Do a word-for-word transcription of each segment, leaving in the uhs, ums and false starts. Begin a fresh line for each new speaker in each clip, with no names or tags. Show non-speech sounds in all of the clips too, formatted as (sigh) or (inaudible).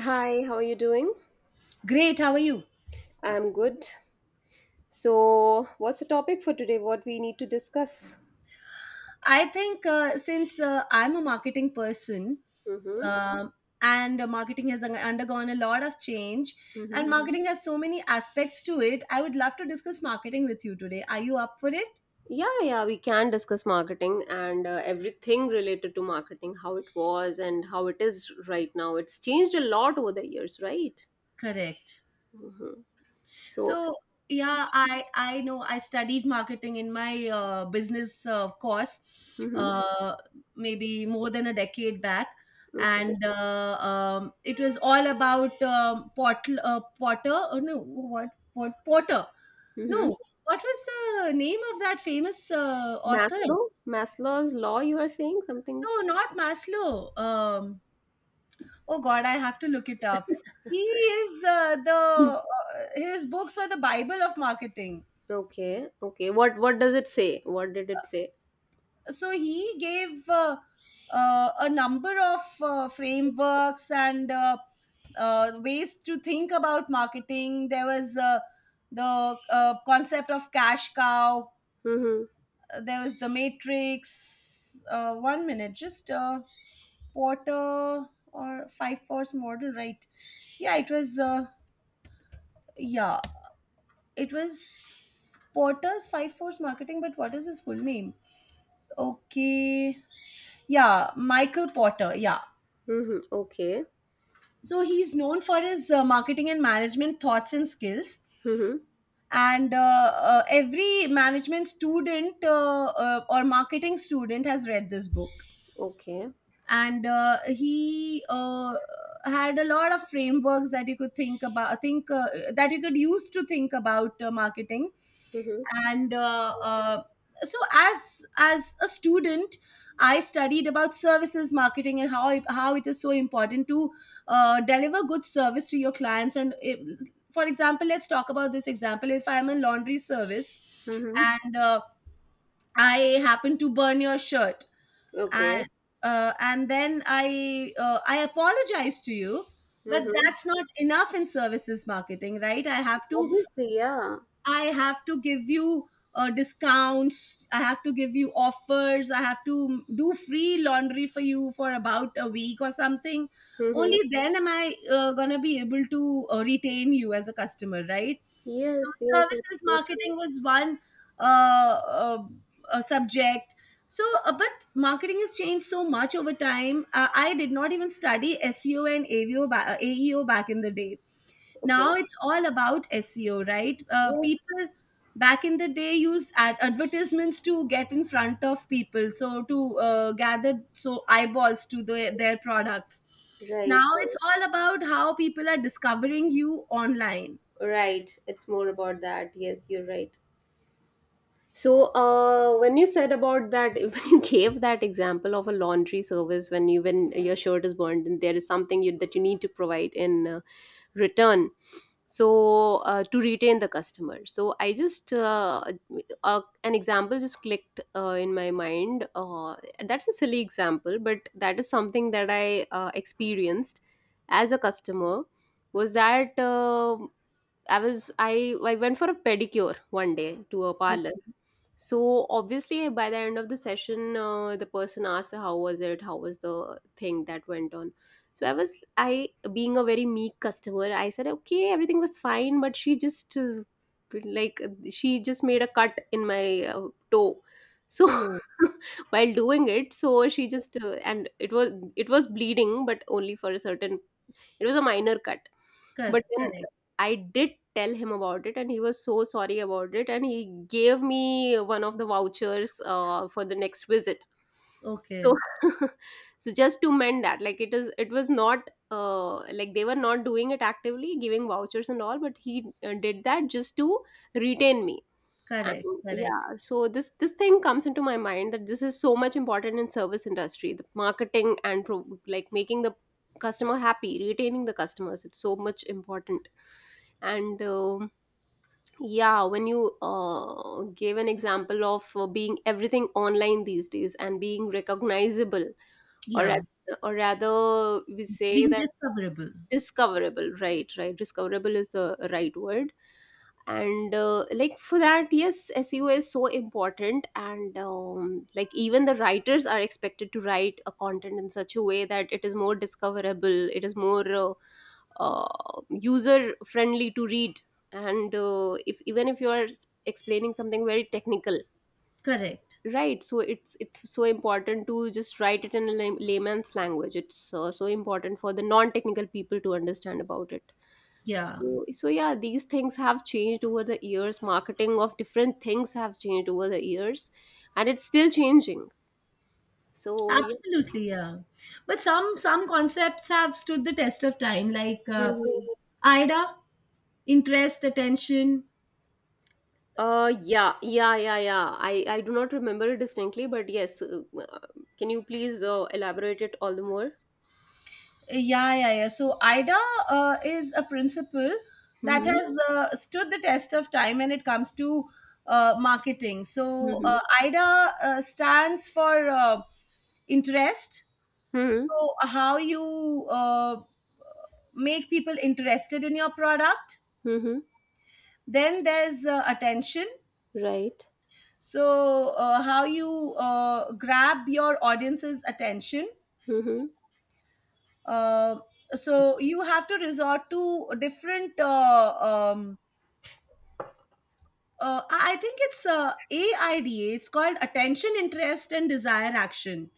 Hi, how are you doing?
Great, how are you?
I'm good. So, what's the topic for today? What we need to discuss?
I think uh, since uh, I'm a marketing person,
Mm-hmm.
um, and uh, marketing has un- undergone a lot of change and Mhm.
Mm-hmm.
Marketing has so many aspects to it. I would love to discuss marketing with you today. Are you up for it?
Yeah, yeah, we can discuss marketing and uh, everything related to marketing, how it was and how it is right now. It's changed a lot over the years, right?
Correct.
Mm-hmm. So,
So yeah, I I know I studied marketing in my uh, business uh, course,
mm-hmm.
uh, maybe more than a decade back,
Okay.
and uh, um, it was all about um, Portl uh, Potter. Oh, no, what what Porter?
Mm-hmm.
No, what was the name of that famous uh, author?
Maslow? Maslow's law, you are saying something?
No, not Maslow. Um, oh God, I have to look it up. He is uh, the
Mm.
uh, his books were the Bible of marketing.
Okay, okay. What what does it say? What did it say?
So he gave uh, uh, a number of uh, frameworks and uh, uh, ways to think about marketing. There was uh, the uh, concept of cash cow.
Mm-hmm.
There was the matrix, uh, one minute, just uh, Porter, or five force model, right? Yeah, it was uh, yeah, it was Porter's five force marketing. But what is his full name? Okay. Yeah, Michael Porter. Yeah.
Mm-hmm. Okay.
So he's known for his uh, marketing and management thoughts and skills.
Mm-hmm.
And uh, uh, every management student, uh, uh, or marketing student, has read this book.
Okay.
And uh, he uh, had a lot of frameworks that you could think about, think uh, that you could use to think about uh, marketing.
Mm-hmm.
And uh, uh, so as as a student, I studied about services marketing and how it, how it is so important to uh, deliver good service to your clients. And if, for example, let's talk about this example. If I am in laundry service
Mm-hmm.
and uh, I happen to burn your shirt,
Okay.
and uh, and then I uh, I apologize to you, but
Mm-hmm.
that's not enough in services marketing, right? I have to,
Obviously, yeah.
I have to give you uh, discounts. I have to give you offers. I have to do free laundry for you for about a week or something.
Mm-hmm.
Only then am I uh, going to be able to uh, retain you as a customer, right? So
Yes, yes,
services
that's so true.
marketing was one uh, uh, uh, subject. So, uh, but marketing has changed so much over time. Uh, I did not even study S E O and A V O ba- uh, A E O back in the day.
Okay.
Now it's all about S E O, right? Uh,
Yes.
people back in the day used ad- advertisements to get in front of people, so to uh, gather so eyeballs to the, their products.
Right,
Now it's
right.
all about how people are discovering you online.
Right. It's more about that. Yes, you're right. So, uh, when you said about that, (laughs) when you gave that example of a laundry service, when you when your shirt is burned and there is something you, that you need to provide in uh, return, so uh, to retain the customer. So, I just uh, uh, an example just clicked uh, in my mind. Uh, that's a silly example, but that is something that I uh, experienced as a customer. Was that uh, I was I I went for a pedicure one day to a parlor.
Okay.
So obviously, by the end of the session, uh, the person asked, "How was it? How was the thing that went on?" So I was, I, being a very meek customer, I said, "Okay, everything was fine," but she just, uh, like, she just made a cut in my uh, toe. So
Oh,
(laughs) while doing it, so she just, uh, and it was, it was bleeding, but only for a certain it was a minor cut.
cor-
But then
correct.
I did tell him about it, and he was so sorry about it. And he gave me one of the vouchers uh, for the next visit. So,
Okay.
(laughs) so just to mend that, like it is, it was not uh, like they were not doing it actively, giving vouchers and all, but he uh, did that just to retain me. And
Correct.
yeah,
Correct.
so this this thing comes into my mind, that this is so much important in service industry, the marketing and pro- like making the customer happy, retaining the customers. It's so much important. And um yeah, when you uh, gave an example of uh, being everything online these days and being recognizable, or ra-
Yeah.
or rather, we say
Being
that
discoverable.
discoverable. Right, right. Discoverable is the right word. And uh, like, for that, yes, S E O is so important. And um, like, even the writers are expected to write a content in such a way that it is more discoverable, it is more uh, uh, user friendly to read. And uh, if even if you are s- explaining something very technical,
Correct.
right, so it's it's so important to just write it in a lay- layman's language. It's uh, so important for the non-technical people to understand about it.
Yeah.
So so yeah, these things have changed over the years, marketing of different things have changed over the years, and it's still changing, so yeah.
Absolutely, yeah. But some some concepts have stood the test of time, like uh,
Mhm.
I D A, interest, attention.
uh yeah, yeah, yeah, yeah, i i do not remember it distinctly, but yes, uh, uh, can you please uh, elaborate it all the more?
Yeah, yeah, yeah. So I D A uh, is a principle that
Mm-hmm.
has uh, stood the test of time when it comes to uh, marketing. So uh,
Mm-hmm.
I D A uh, stands for uh, interest.
Mm-hmm.
So how you uh, make people interested in your product.
Mm-hmm.
Then there's uh, attention.
Right.
So uh, how you uh, grab your audience's attention.
Mm-hmm.
Uh, so you have to resort to different uh, um, uh, i I think it's uh, A I D A. It's called attention, interest, and desire, action.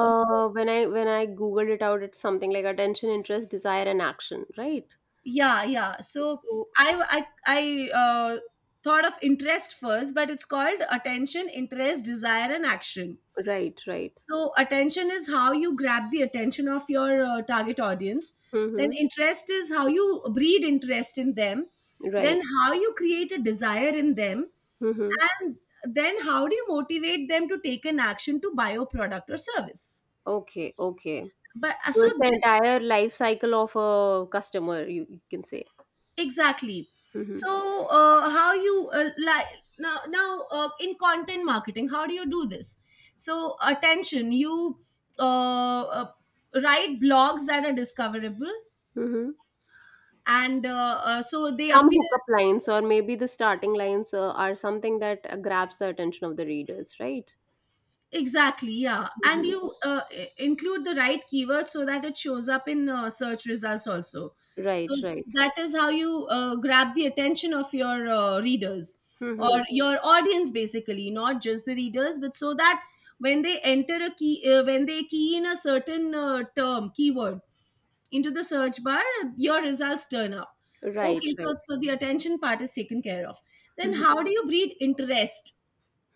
Uh, so-
when I when I googled it out, it's something like attention, interest, desire, and action, right?
yeah, yeah, so
So
i i, I uh, thought of interest first, but it's called attention, interest, desire, and action.
right, right.
So attention is how you grab the attention of your uh, target audience. Then
Mm-hmm.
interest is how you breed interest in them. Then
Right.
how you create a desire in them.
Mm-hmm.
And then how do you motivate them to take an action to buy your product or service?
Okay, okay.
But uh,
So
so
it's the
this
entire life cycle of a customer, you, you can say.
Exactly.
Mm-hmm.
So uh, how you uh, like, now now uh, in content marketing, how do you do this? So attention, you uh, uh, write blogs that are discoverable,
Mm-hmm.
and uh, uh, so they
Some
appear.
hookup lines, or maybe the starting lines uh, are something that uh, grabs the attention of the readers, right?
Exactly, yeah. And
Mm-hmm.
you uh, i- include the right keyword so that it shows up in uh, search results also. So
Right, right.
that is how you uh, grab the attention of your uh, readers
Mm-hmm.
or your audience, basically, not just the readers. But so that when they enter a key uh, when they key in a certain uh, term, keyword, into the search bar, your results turn up.
Right,
Okay,
right.
so so the attention part is taken care of. Then
Mm-hmm.
how do you breed interest?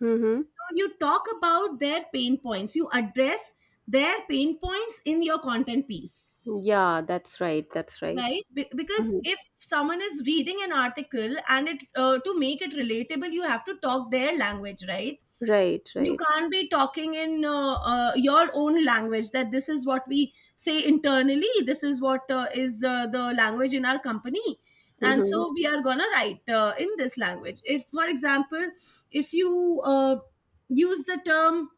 Mm-hmm.
So you talk about their pain points. You address their pain points in your content piece,
Yeah, that's right. That's right.
right? Be- because
Mm-hmm.
if someone is reading an article and it uh, to make it relatable, you have to talk their language, right?
Right,
You
right.
can't be talking in uh, uh, your own language, that this is what we say internally. This is what uh, is uh, the language in our company. And
Mhm.
so we are gonna write uh, in this language. If, for example, if you uh, use the term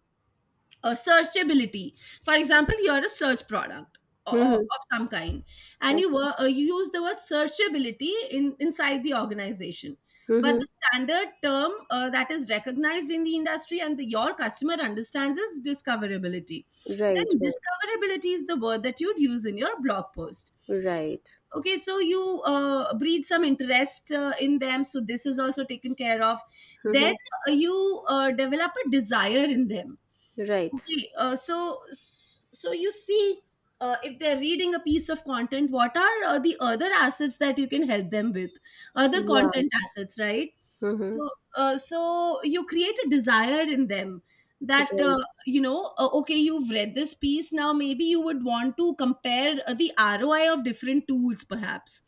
uh, searchability. For example, you're a search product o- o-
Mhm.
of some kind, and you
Okay.
were uh, you use the word searchability in inside the organization. But
Mhm.
the standard term uh, that is recognized in the industry and the, your customer understands is discoverability.
Right.
Then
Right.
discoverability is the word that you'd use in your blog post.
Right.
Okay, so you uh, breed some interest uh, in them, so this is also taken care of. Then
Mhm.
uh, you uh, develop a desire in them.
Right.
Okay, uh, so so you see, uh, if they're reading a piece of content, what are uh, the other assets that you can help them with? Other
Yeah.
content assets, right?
Mhm.
So uh, so you create a desire in them, that uh,
Right.
you know, uh, okay, you've read this piece. Now maybe you would want to compare uh, the R O I of different tools, perhaps.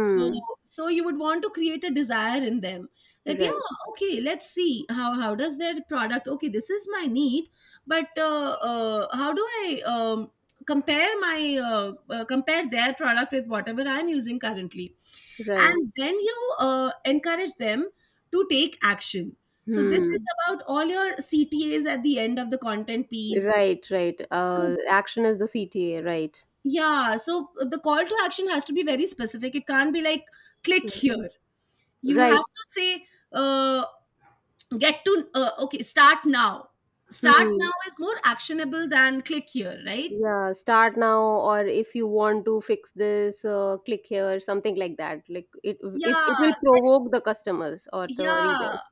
So so you would want to create a desire in them, that
Right.
yeah, okay, let's see how how does their product? Okay, this is my need, but uh, uh, how do I um, compare my uh, uh, compare their product with whatever I'm using currently.
Right.
And then you uh, encourage them to take action. So this is
Hmm.
about all your C T As at the end of the content piece.
Right. Right.
So
Uh, action is the C T A. Right.
yeah, so the call to action has to be very specific. It can't be like click
Mm.
here. You
Right.
have to say uh, get to uh, okay, start now. Start
Hmm.
now is more actionable than click here, right?
Yeah. Start now, or if you want to fix this, uh, click here. Something like that. Like it. If
Yeah,
it will provoke the customers or the
yeah,
readers.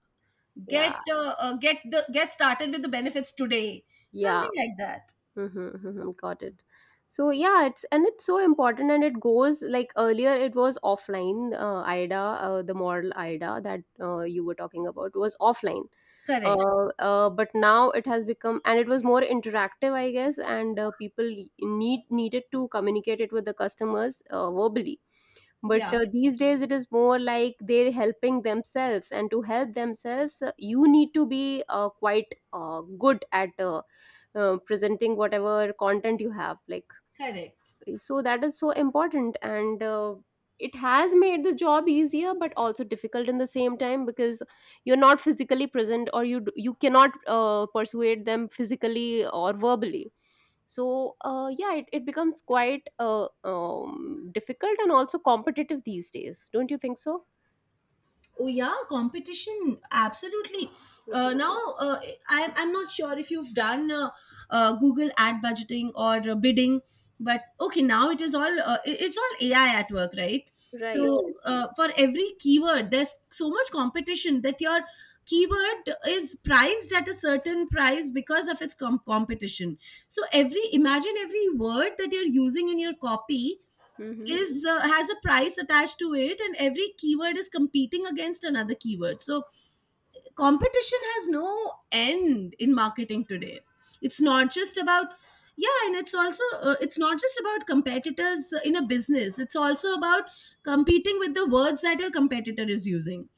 Yeah.
get uh, uh, get the get started with the benefits today,
Yeah.
something like that.
Mm-hmm, mm-hmm, got it. So yeah, it's and it's so important, and it goes like earlier, it was offline. Uh, IDA, uh, the model IDA that uh, you were talking about was offline.
Correct.
Uh, uh, but now it has become, and it was more interactive, I guess. And uh, people need needed to communicate it with the customers uh, verbally. But
Yeah.
uh, these days, it is more like they're helping themselves, and to help themselves, uh, you need to be uh, quite uh, good at uh, uh, presenting whatever content you have, like,
Correct.
so that is so important. And uh, it has made the job easier but also difficult in the same time, because you're not physically present, or you d- you cannot uh, persuade them physically or verbally. So uh, yeah, it, it becomes quite uh, um, difficult and also competitive these days, don't you think so?
Oh yeah, competition absolutely. Uh,
Mhm.
now uh, I, I'm not sure if you've done uh, uh, Google ad budgeting or uh, bidding, but okay, now it is all uh, it- it's all A I at work, right?
Right.
So uh, for every keyword, there's so much competition that your keyword is priced at a certain price because of its com- competition. So every, imagine every word that you're using in your copy
Mm-hmm.
is uh, has a price attached to it, and every keyword is competing against another keyword. So competition has no end in marketing today. It's not just about, yeah, and it's also uh, it's not just about competitors in a business, it's also about competing with the words that your competitor is using.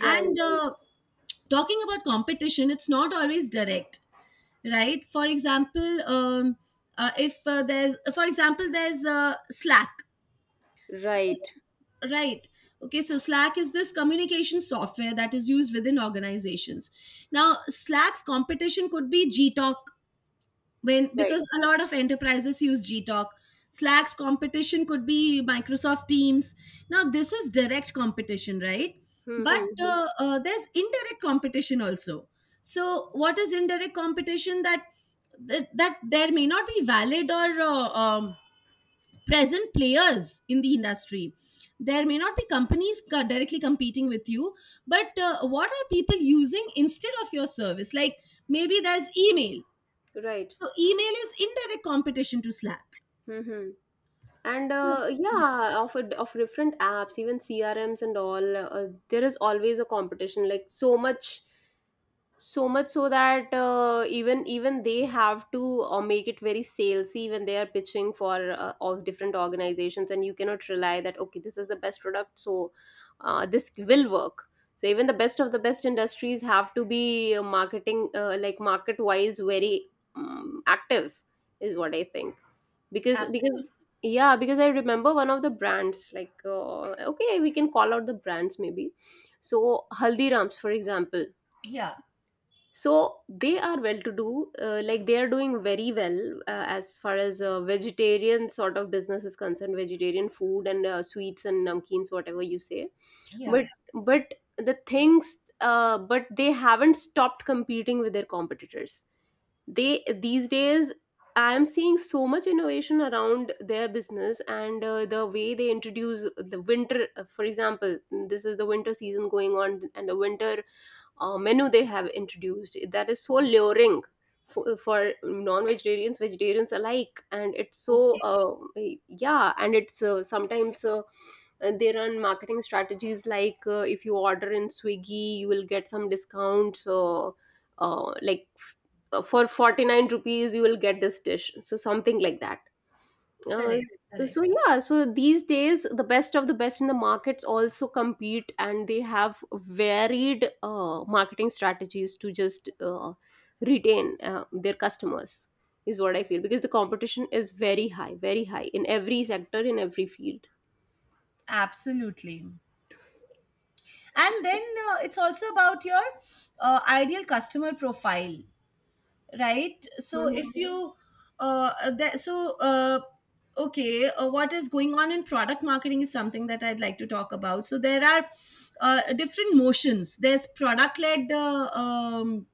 And
Right,
uh, talking about competition, it's not always direct, right? For example, um, uh, if uh, there's, for example, there's uh, Slack.
right,
Right. Okay, so Slack is this communication software that is used within organizations. Now, Slack's competition could be Gtalk, when,
right.
because a lot of enterprises use Gtalk. Slack's competition could be Microsoft Teams. Now, this is direct competition, right? But
Mm-hmm.
uh, uh, there's indirect competition also. So what is indirect competition? That that, that there may not be valid or uh, um, present players in the industry. There may not be companies co- directly competing with you, but uh, what are people using instead of your service? Like maybe there's email.
Right.
So email is indirect competition to Slack.
Mm-hmm. And
So,
uh,
yeah.
yeah, of a- of different apps, even CRMs and all, uh, there is always a competition, like, so much, so much, so that uh, even even they have to uh, make it very salesy when they are pitching for uh, of different organizations, and you cannot rely that okay, this is the best product, so uh, this will work. So even the best of the best industries have to be uh, marketing, uh, like, market wise very um, active, is what I think. because
Absolutely.
because yeah, because I remember one of the brands like, uh, okay, we can call out the brands maybe. So Haldirams, for example.
Yeah.
So they are well to do, uh, like, they are doing very well uh, as far as uh, vegetarian sort of business is concerned, vegetarian food and uh, sweets and namkeens, whatever you say. but
Yeah.
but the things uh, but they haven't stopped competing with their competitors. They These days I am seeing so much innovation around their business, and uh, the way they introduce the winter, for example, this is the winter season going on, and the winter uh, menu they have introduced, that is so luring for, for non-vegetarians, vegetarians alike. And it's so uh, yeah, and it's uh, sometimes uh, they run marketing strategies like, uh, if you order in Swiggy, you will get some discounts, uh, uh, like f- uh, for forty-nine rupees you will get this dish, so something like that uh,
Correct.
so
Correct.
yeah, so these days the best of the best in the markets also compete, and they have varied uh, marketing strategies to just uh, retain uh, their customers. Is what I feel, because the competition is very high, very high, in every sector, in every field.
Absolutely. And then uh, it's also about your uh, ideal customer profile. Right, so
Mm-hmm.
if you uh that so uh okay uh, what is going on in product marketing is something that I'd like to talk about. So there are uh, different motions. There's product led uh, um,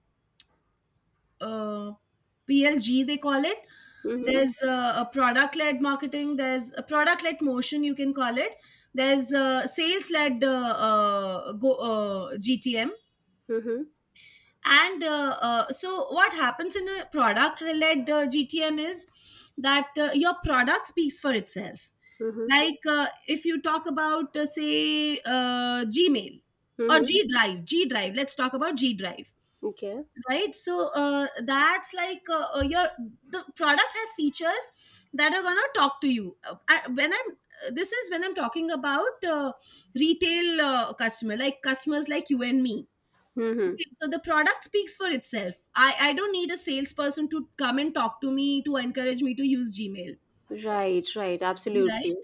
uh, P L G, they call it.
Mm-hmm.
There's uh, a product led marketing, there's a product led motion, you can call it. There's uh, sales led uh, uh, go, uh, G T M.
Mm-hmm.
And uh, uh, so what happens in a product led uh, G T M is that uh, your product speaks for itself.
Mm-hmm.
Like uh, if you talk about uh, say uh, Gmail, or
Mm-hmm.
G Drive. G drive let's talk about G Drive,
Okay.
right? So uh, that's like uh, uh, your, the product has features that are going to talk to you. Uh, I, when I'm uh, This is when I'm talking about uh, retail uh, customer like customers like you and me. Okay,
Mm-hmm.
so the product speaks for itself. I, I don't need a salesperson to come and talk to me to encourage me to use Gmail,
Right, right, absolutely.
right?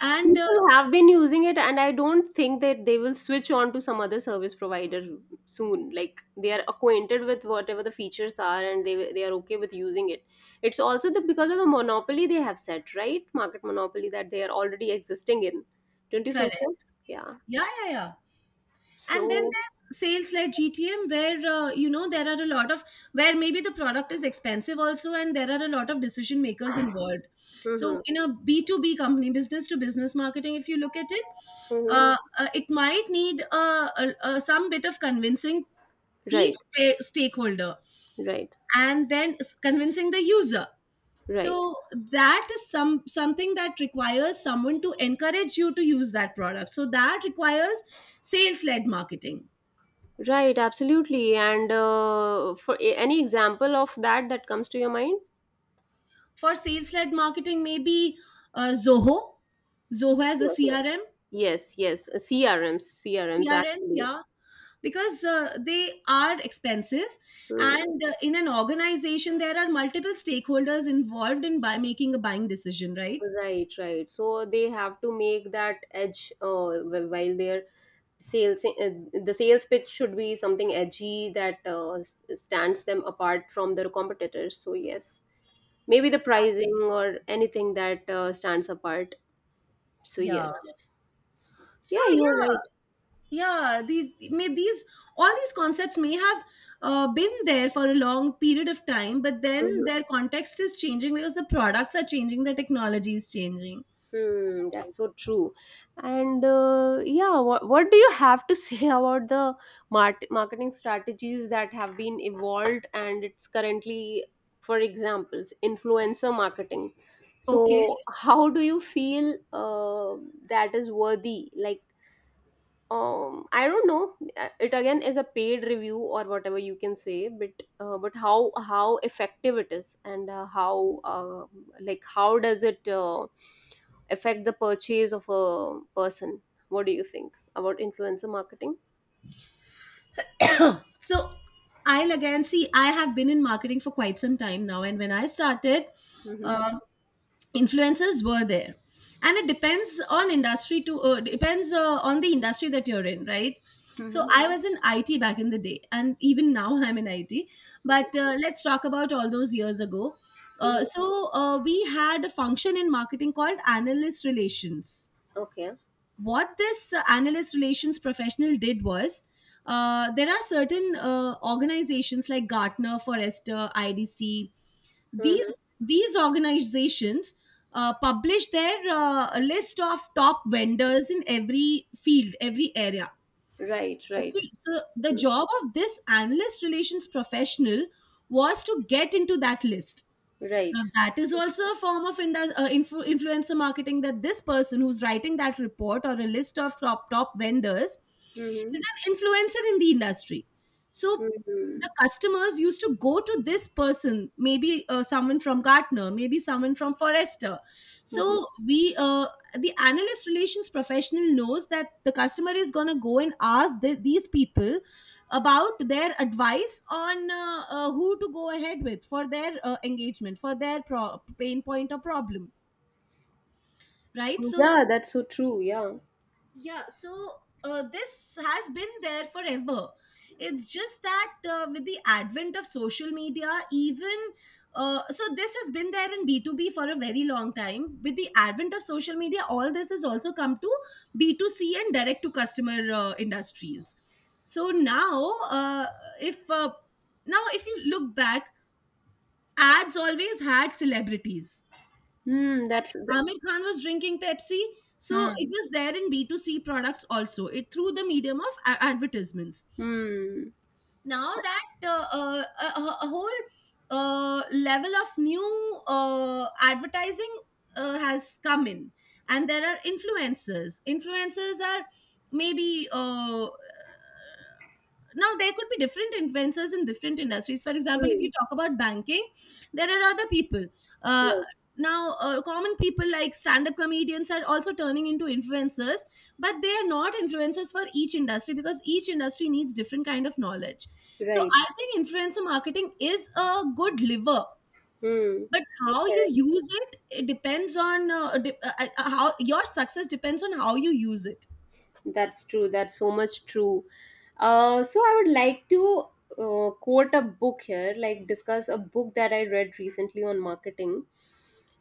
And uh,
People have been using it, and I don't think that they will switch on to some other service provider soon. Like, they are acquainted with whatever the features are, and they they are okay with using it. It's also the because of the monopoly they have set, right? Market monopoly that they are already existing in. Don't you think
correct.
so? Yeah.
Yeah, yeah, yeah. And then
So.
there's sales led G T M where, uh, you know, there are a lot of, where maybe the product is expensive also and there are a lot of decision makers involved. So
Hmm.
in a B two B company, business to business marketing, if you look at it,
Hmm.
uh, uh, it might need uh, uh, uh, some bit of convincing each
Right,
sta- stakeholder,
right,
and then s- convincing the user.
right,
So that is some something that requires someone to encourage you to use that product, so that requires sales led marketing.
right. Absolutely. And uh, for a- any example of that that comes to your mind?
For sales led marketing, maybe uh, zoho Zoho has a C R M.
Yes, yes, C R Ms, C R Ms
C R Ms,
actually.
yeah, because uh, they are expensive,
Hmm.
and uh, in an organization there are multiple stakeholders involved in by making a buying decision, right?
Right, right. So they have to make that edge, uh, wh- while their sales, uh, the sales pitch should be something edgy that uh, s- stands them apart from their competitors. So, yes, maybe the pricing or anything that uh, stands apart. So, yes.
Yeah. So
Yeah, you're right.
yeah, yeah these may these all these concepts may have uh, been there for a long period of time, but then
Mm-hmm.
their context is changing because the products are changing, the technology is changing.
Hmm, that's so true. And uh, yeah, what, what do you have to say (laughs) about the mart- marketing strategies that have been evolved, and it's currently, for examples, influencer marketing?
Okay.
So, how do you feel uh, that is worthy? Like, um I don't know. Uh, it again is a paid review or whatever you can say, but uh, but how how effective it is, and uh, how uh, like, how does it uh, affect the purchase of a person? What do you think about influencer marketing?
(coughs) (clears throat) So I'll, again, see, I have been in marketing for quite some time now, and when I started,
Mm-hmm.
um, influencers were there, and it depends on industry to uh, depends uh, on the industry that you're in, right? So
Hmm.
I was in IT back in the day, and even now I'm in IT, but uh, let's talk about all those years ago. uh,
Mm-hmm.
so uh, we had a function in marketing called analyst relations.
Okay.
What this uh, analyst relations professional did was, uh, there are certain uh, organizations like Gartner, Forrester, I D C.
Mm-hmm.
These these organizations uh, publish their uh, a list of top vendors in every field, every area.
Right, right.
Okay, so the
Mhm.
job of this analyst relations professional was to get into that list. Now
Right.
that is also a form of indus- uh, influ- influencer marketing, that this person who's writing that report or a list of top top vendors
Mm-hmm.
is an influencer in the industry. So
Mm-hmm.
the customers used to go to this person, maybe uh, someone from Gartner, maybe someone from Forrester.
Mm-hmm.
So we, uh, the analyst relations professional knows that the customer is going to go and ask the, these people about their advice on uh, uh, who to go ahead with for their uh, engagement, for their pro- pain point or problem, right? So
Yeah, that's so true, yeah.
yeah, so uh, this has been there forever. It's just that uh, with the advent of social media, even uh, so, this has been there in B two B for a very long time. With the advent of social media, all this has also come to B two C and direct to customer uh, industries. So now, uh, if uh, now if you look back, ads always had celebrities.
Hmm. That's th-.
Amir Khan was drinking Pepsi. So it
Hmm.
was there in B two C products also, it through the medium of a- advertisements.
Hmm.
Now that uh, uh, a, a a whole uh, level of new uh, advertising uh, has come in, and there are influencers. Influencers are maybe uh, now there could be different influencers in different industries. For example, if you talk about banking, there are other people. uh,
Right,
Now uh, common people like stand-up comedians are also turning into influencers, but they are not influencers for each industry because each industry needs different kind of knowledge. So
right.
I think influencer marketing is a good lever,
Hmm.
but how you
Okay.
use it, it depends on uh, de- uh, uh, how, your success depends on how you use it.
That's true. That's so much true. Uh, so I would like to uh, quote a book here, like, discuss a book that I read recently on marketing,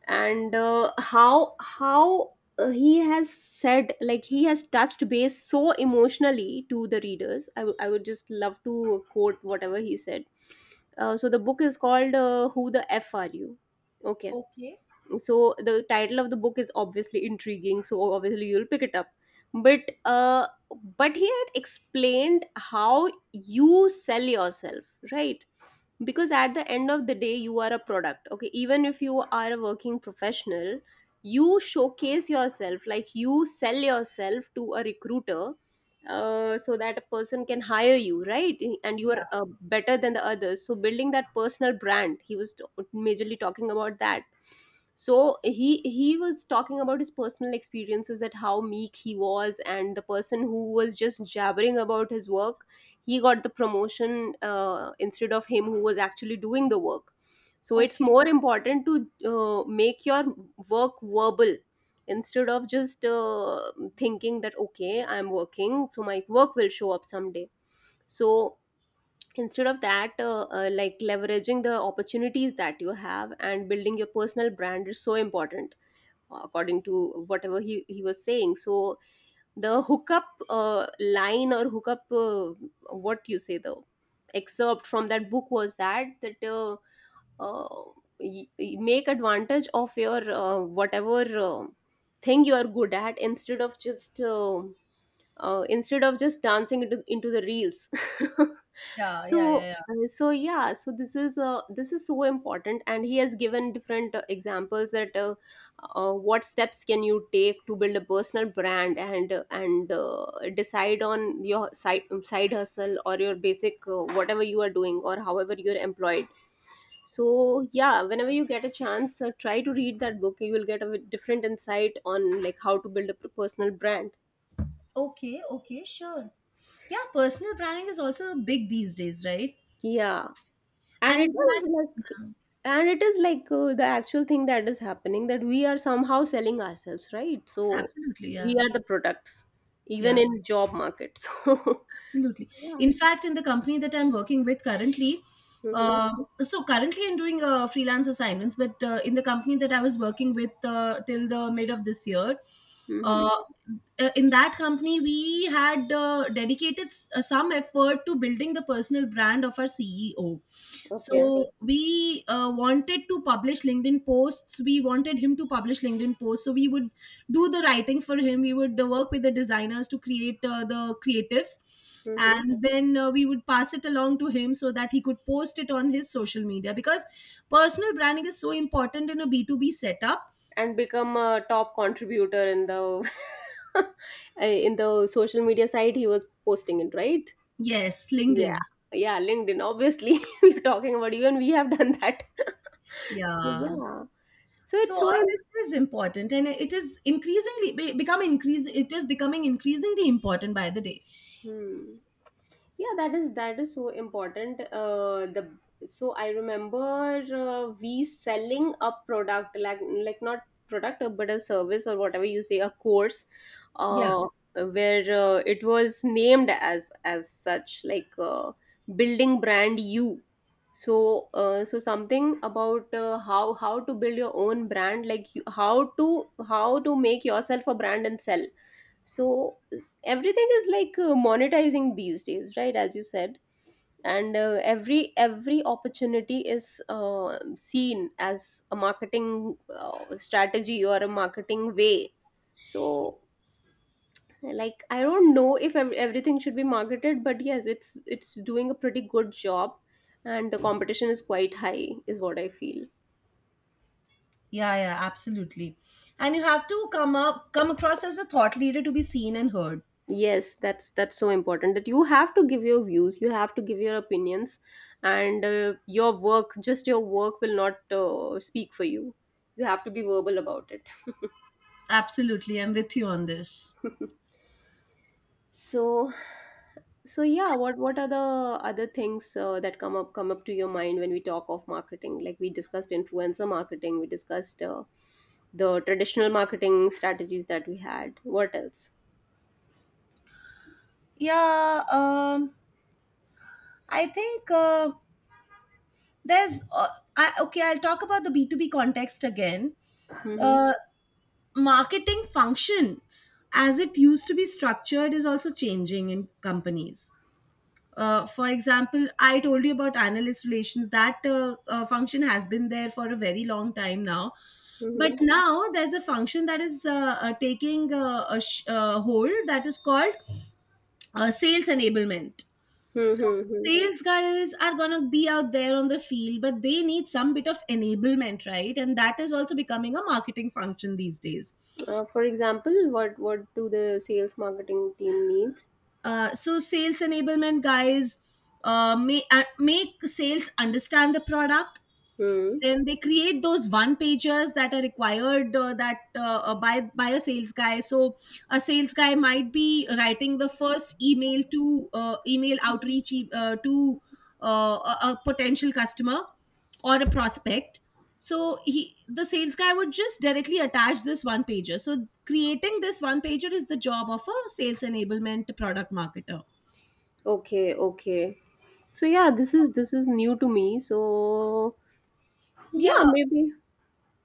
and uh, how how uh, he has said, like, he has touched base so emotionally to the readers. I would I would just love to quote whatever he said. Uh, so the book is called uh, "Who the F Are You?" Okay,
Okay.
so the title of the book is obviously intriguing, so obviously you'll pick it up, but uh but he had explained how you sell yourself, right? Because at the end of the day you are a product, okay, even if you are a working professional, you showcase yourself, like you sell yourself to a recruiter, uh, so that a person can hire you, right? And you are
Yeah.
uh, better than the others. So building that personal brand, he was t- majorly talking about that. So he he was talking about his personal experiences, that how meek he was, and the person who was just jabbering about his work, he got the promotion uh, instead of him, who was actually doing the work. So it's
Okay.
more important to uh, make your work verbal, instead of just uh, thinking that okay, I'm working, so my work will show up someday. So instead of that, uh, uh, like leveraging the opportunities that you have and building your personal brand is so important, according to whatever he, he was saying. So the hookup uh, line, or hookup, uh, what you say, the excerpt from that book was that that uh, uh, y- y- make advantage of your uh, whatever uh, thing you are good at, instead of just uh, uh, instead of just dancing into, into the reels. (laughs)
Yeah. Yeah. Yeah.
so
Yeah.
uh, so yeah, so this is uh, this is so important, and he has given different uh, examples that uh, uh, what steps can you take to build a personal brand, and uh, and uh, decide on your side side hustle or your basic, uh, whatever you are doing, or however you're employed. So yeah, whenever you get a chance, uh, try to read that book. You will get a bit different insight on like how to build a p- personal brand.
Okay. Okay. Sure. Yeah, personal branding is also big these days, right?
Yeah, and
And
it
in fact,
is like,
yeah,
and it is like uh, the actual thing that is happening, that we are somehow selling ourselves, right? So
absolutely,
we
yeah,
are the products, even
yeah.
in job market. (laughs) So
Absolutely.
yeah.
In fact, in the company that I'm working with currently,
Mm-hmm.
uh, so currently I'm doing uh, freelance assignments, but uh, in the company that I was working with uh, till the mid of this year, uh,
Mm-hmm.
uh, in that company, we had uh, dedicated s- uh, some effort to building the personal brand of our C E O.
Okay.
So we uh, wanted to publish LinkedIn posts. We wanted him to publish LinkedIn posts. So we would do the writing for him. We would uh, work with the designers to create uh, the creatives,
Mm-hmm.
and then uh, we would pass it along to him so that he could post it on his social media, because personal branding is so important in a B two B setup.
And become a top contributor in the (laughs) in the social media site he was posting it, right?
Yes,
Yeah.
LinkedIn.
Yeah, LinkedIn. Obviously, (laughs) we're talking about, even we have done that. (laughs) So
Yeah.
yeah. So
So
it's so
all this
important.
is important, and it is increasingly be- become increase. It is becoming increasingly important by the day.
Hmm. Yeah, that is, that is so important. Uh, the so I remember, uh, we selling a product, like, like not product, uh, but a service, or whatever you say, a course,
Yeah,
uh, where uh, it was named as as such like, uh, building brand you. So uh, so something about uh, how how to build your own brand, like you, how to, how to make yourself a brand and sell. So everything is like uh, monetizing these days, right, as you said. And uh, every every opportunity is uh, seen as a marketing uh, strategy or a marketing way. So like, I don't know if ev- everything should be marketed, but yes, it's it's doing a pretty good job, and the competition is quite high, is what I feel.
yeah, yeah, absolutely. And you have to come up, come across as a thought leader to be seen and heard.
Yes, that's that's so important, that you have to give your views, you have to give your opinions, and uh, your work, just your work will not uh, speak for you. You have to be verbal about it.
Absolutely, I'm with you on this.
(laughs) So, so yeah, what what are the other things uh, that come up come up to your mind when we talk of marketing? Like, we discussed influencer marketing, we discussed uh, the traditional marketing strategies that we had. What else?
Yeah, um, I think uh, there's uh, I, okay, I'll talk about the B two B context again.
Mm-hmm.
Uh, Marketing function, as it used to be structured, is also changing in companies. Uh, for example, I told you about analyst relations. That uh, uh, function has been there for a very long time now, but
Mm-hmm.
now there's a function that is uh, uh, taking uh, a sh- uh, hold that is called uh, sales enablement. So
Mm-hmm.
sales guys are gonna be out there on the field, but they need some bit of enablement, right? And that is also becoming a marketing function these days.
Uh, for example, what what do the sales marketing team need?
Uh, so sales enablement guys uh, may, uh, make sales understand the product,
Hmm.
then they create those one pagers that are required, uh, that uh, uh, by by a sales guy. So a sales guy might be writing the first email to uh, email outreach e- uh, to uh, a, a potential customer or a prospect. So he, the sales guy, would just directly attach this one pager, so creating this one pager is the job of a sales enablement product marketer.
Okay. Okay. So yeah, this is, this is new to me. So
Yeah,
yeah, maybe.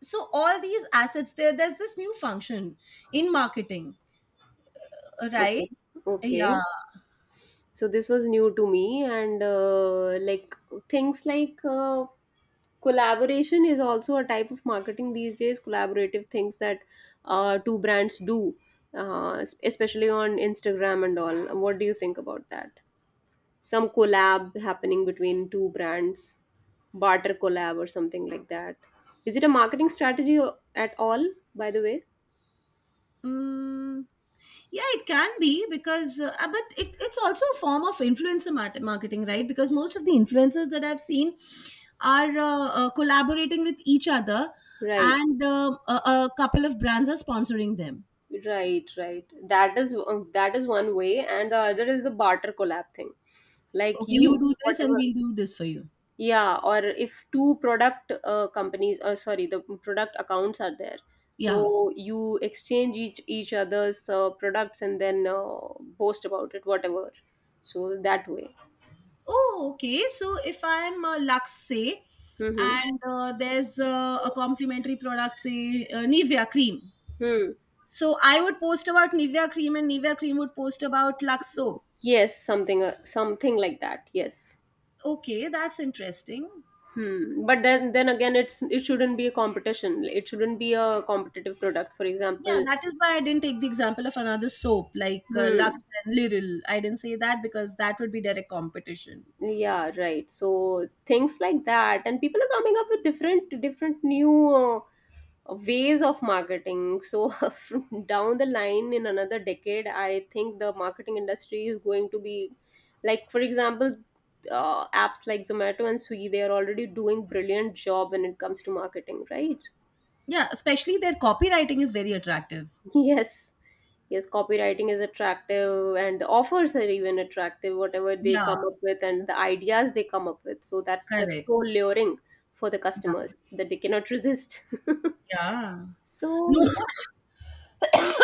so all these assets, there there's this new function in marketing,
Okay.
right? Yeah.
Okay. So this was new to me, and uh, like, things like uh, collaboration is also a type of marketing these days. Collaborative things that uh, two brands do, uh, es- especially on Instagram and all. What do you think about that? Some collab happening between two brands, barter collab or something like that. Is it a marketing strategy o- at all, by the way?
Mm, yeah, it can be because, uh, uh, but it, it's also a form of influencer mart- marketing, right? Because most of the influencers that I've seen are uh, uh, collaborating with each other,
Right,
and um a, a couple of brands are sponsoring them.
right, right. That is, um, that is one way, and the other is the barter collab thing. Like
Okay, you
you,
do this, and
whatever.
we'll do this for you.
Yeah, or if two product uh, companies, or sorry, the product accounts are there,
Yeah.
so you exchange each each other's uh, products, and then uh, boast about it, whatever. So that way.
Oh, okay. So if I'm uh, Lux, say,
Hmm.
and uh, there's uh, a complimentary product, say uh, Nivea cream.
Hmm.
So I would post about Nivea cream, and Nivea cream would post about Lux soap.
Yes, something, uh, something like that. Yes.
Okay, that's interesting.
Hmm. But then then again, it's, it shouldn't be a competition. It shouldn't be a competitive product, for
Yeah,
example.
that is why I didn't take the example of another soap like uh,
Hmm.
Lux and Liril. I didn't say that because that would be direct competition.
Yeah. Right. So things like that, and people are coming up with different different new uh, ways of marketing. So (laughs) down the line, in another decade, I think the marketing industry is going to be, like, for example, uh, apps like Zomato and Swiggy, they are already doing brilliant job when it comes to marketing, right?
Yeah, especially their copywriting is very attractive.
(laughs) Yes. Yes, copywriting is attractive, and the offers are even attractive, whatever they
Yeah,
come up with, and the ideas they come up with. So that's the so
correct.
luring for the
Yeah.
customers that they cannot resist. (laughs)
Yeah.
So
No,
yeah.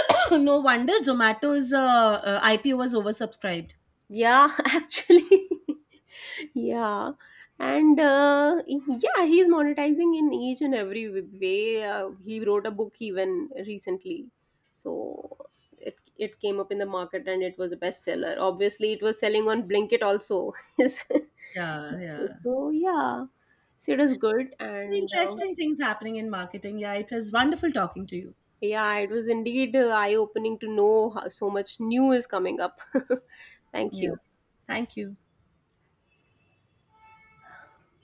(coughs) no wonder Zomato's uh, uh, I P O was oversubscribed.
Yeah. (laughs) Actually. Yeah, and uh, yeah, he's monetizing in each and every w- way. Uh, he wrote a book even recently, so it it came up in the market, and it was a bestseller. Obviously, it was selling on Blinkit also. (laughs)
Yeah, yeah.
So yeah, so it was good,
So
and uh,
interesting things happening in marketing. Yeah, it was wonderful talking to you.
yeah, it was indeed uh, eye opening to know how so much new is coming up. (laughs) Thank
Yeah.
you.
Thank you.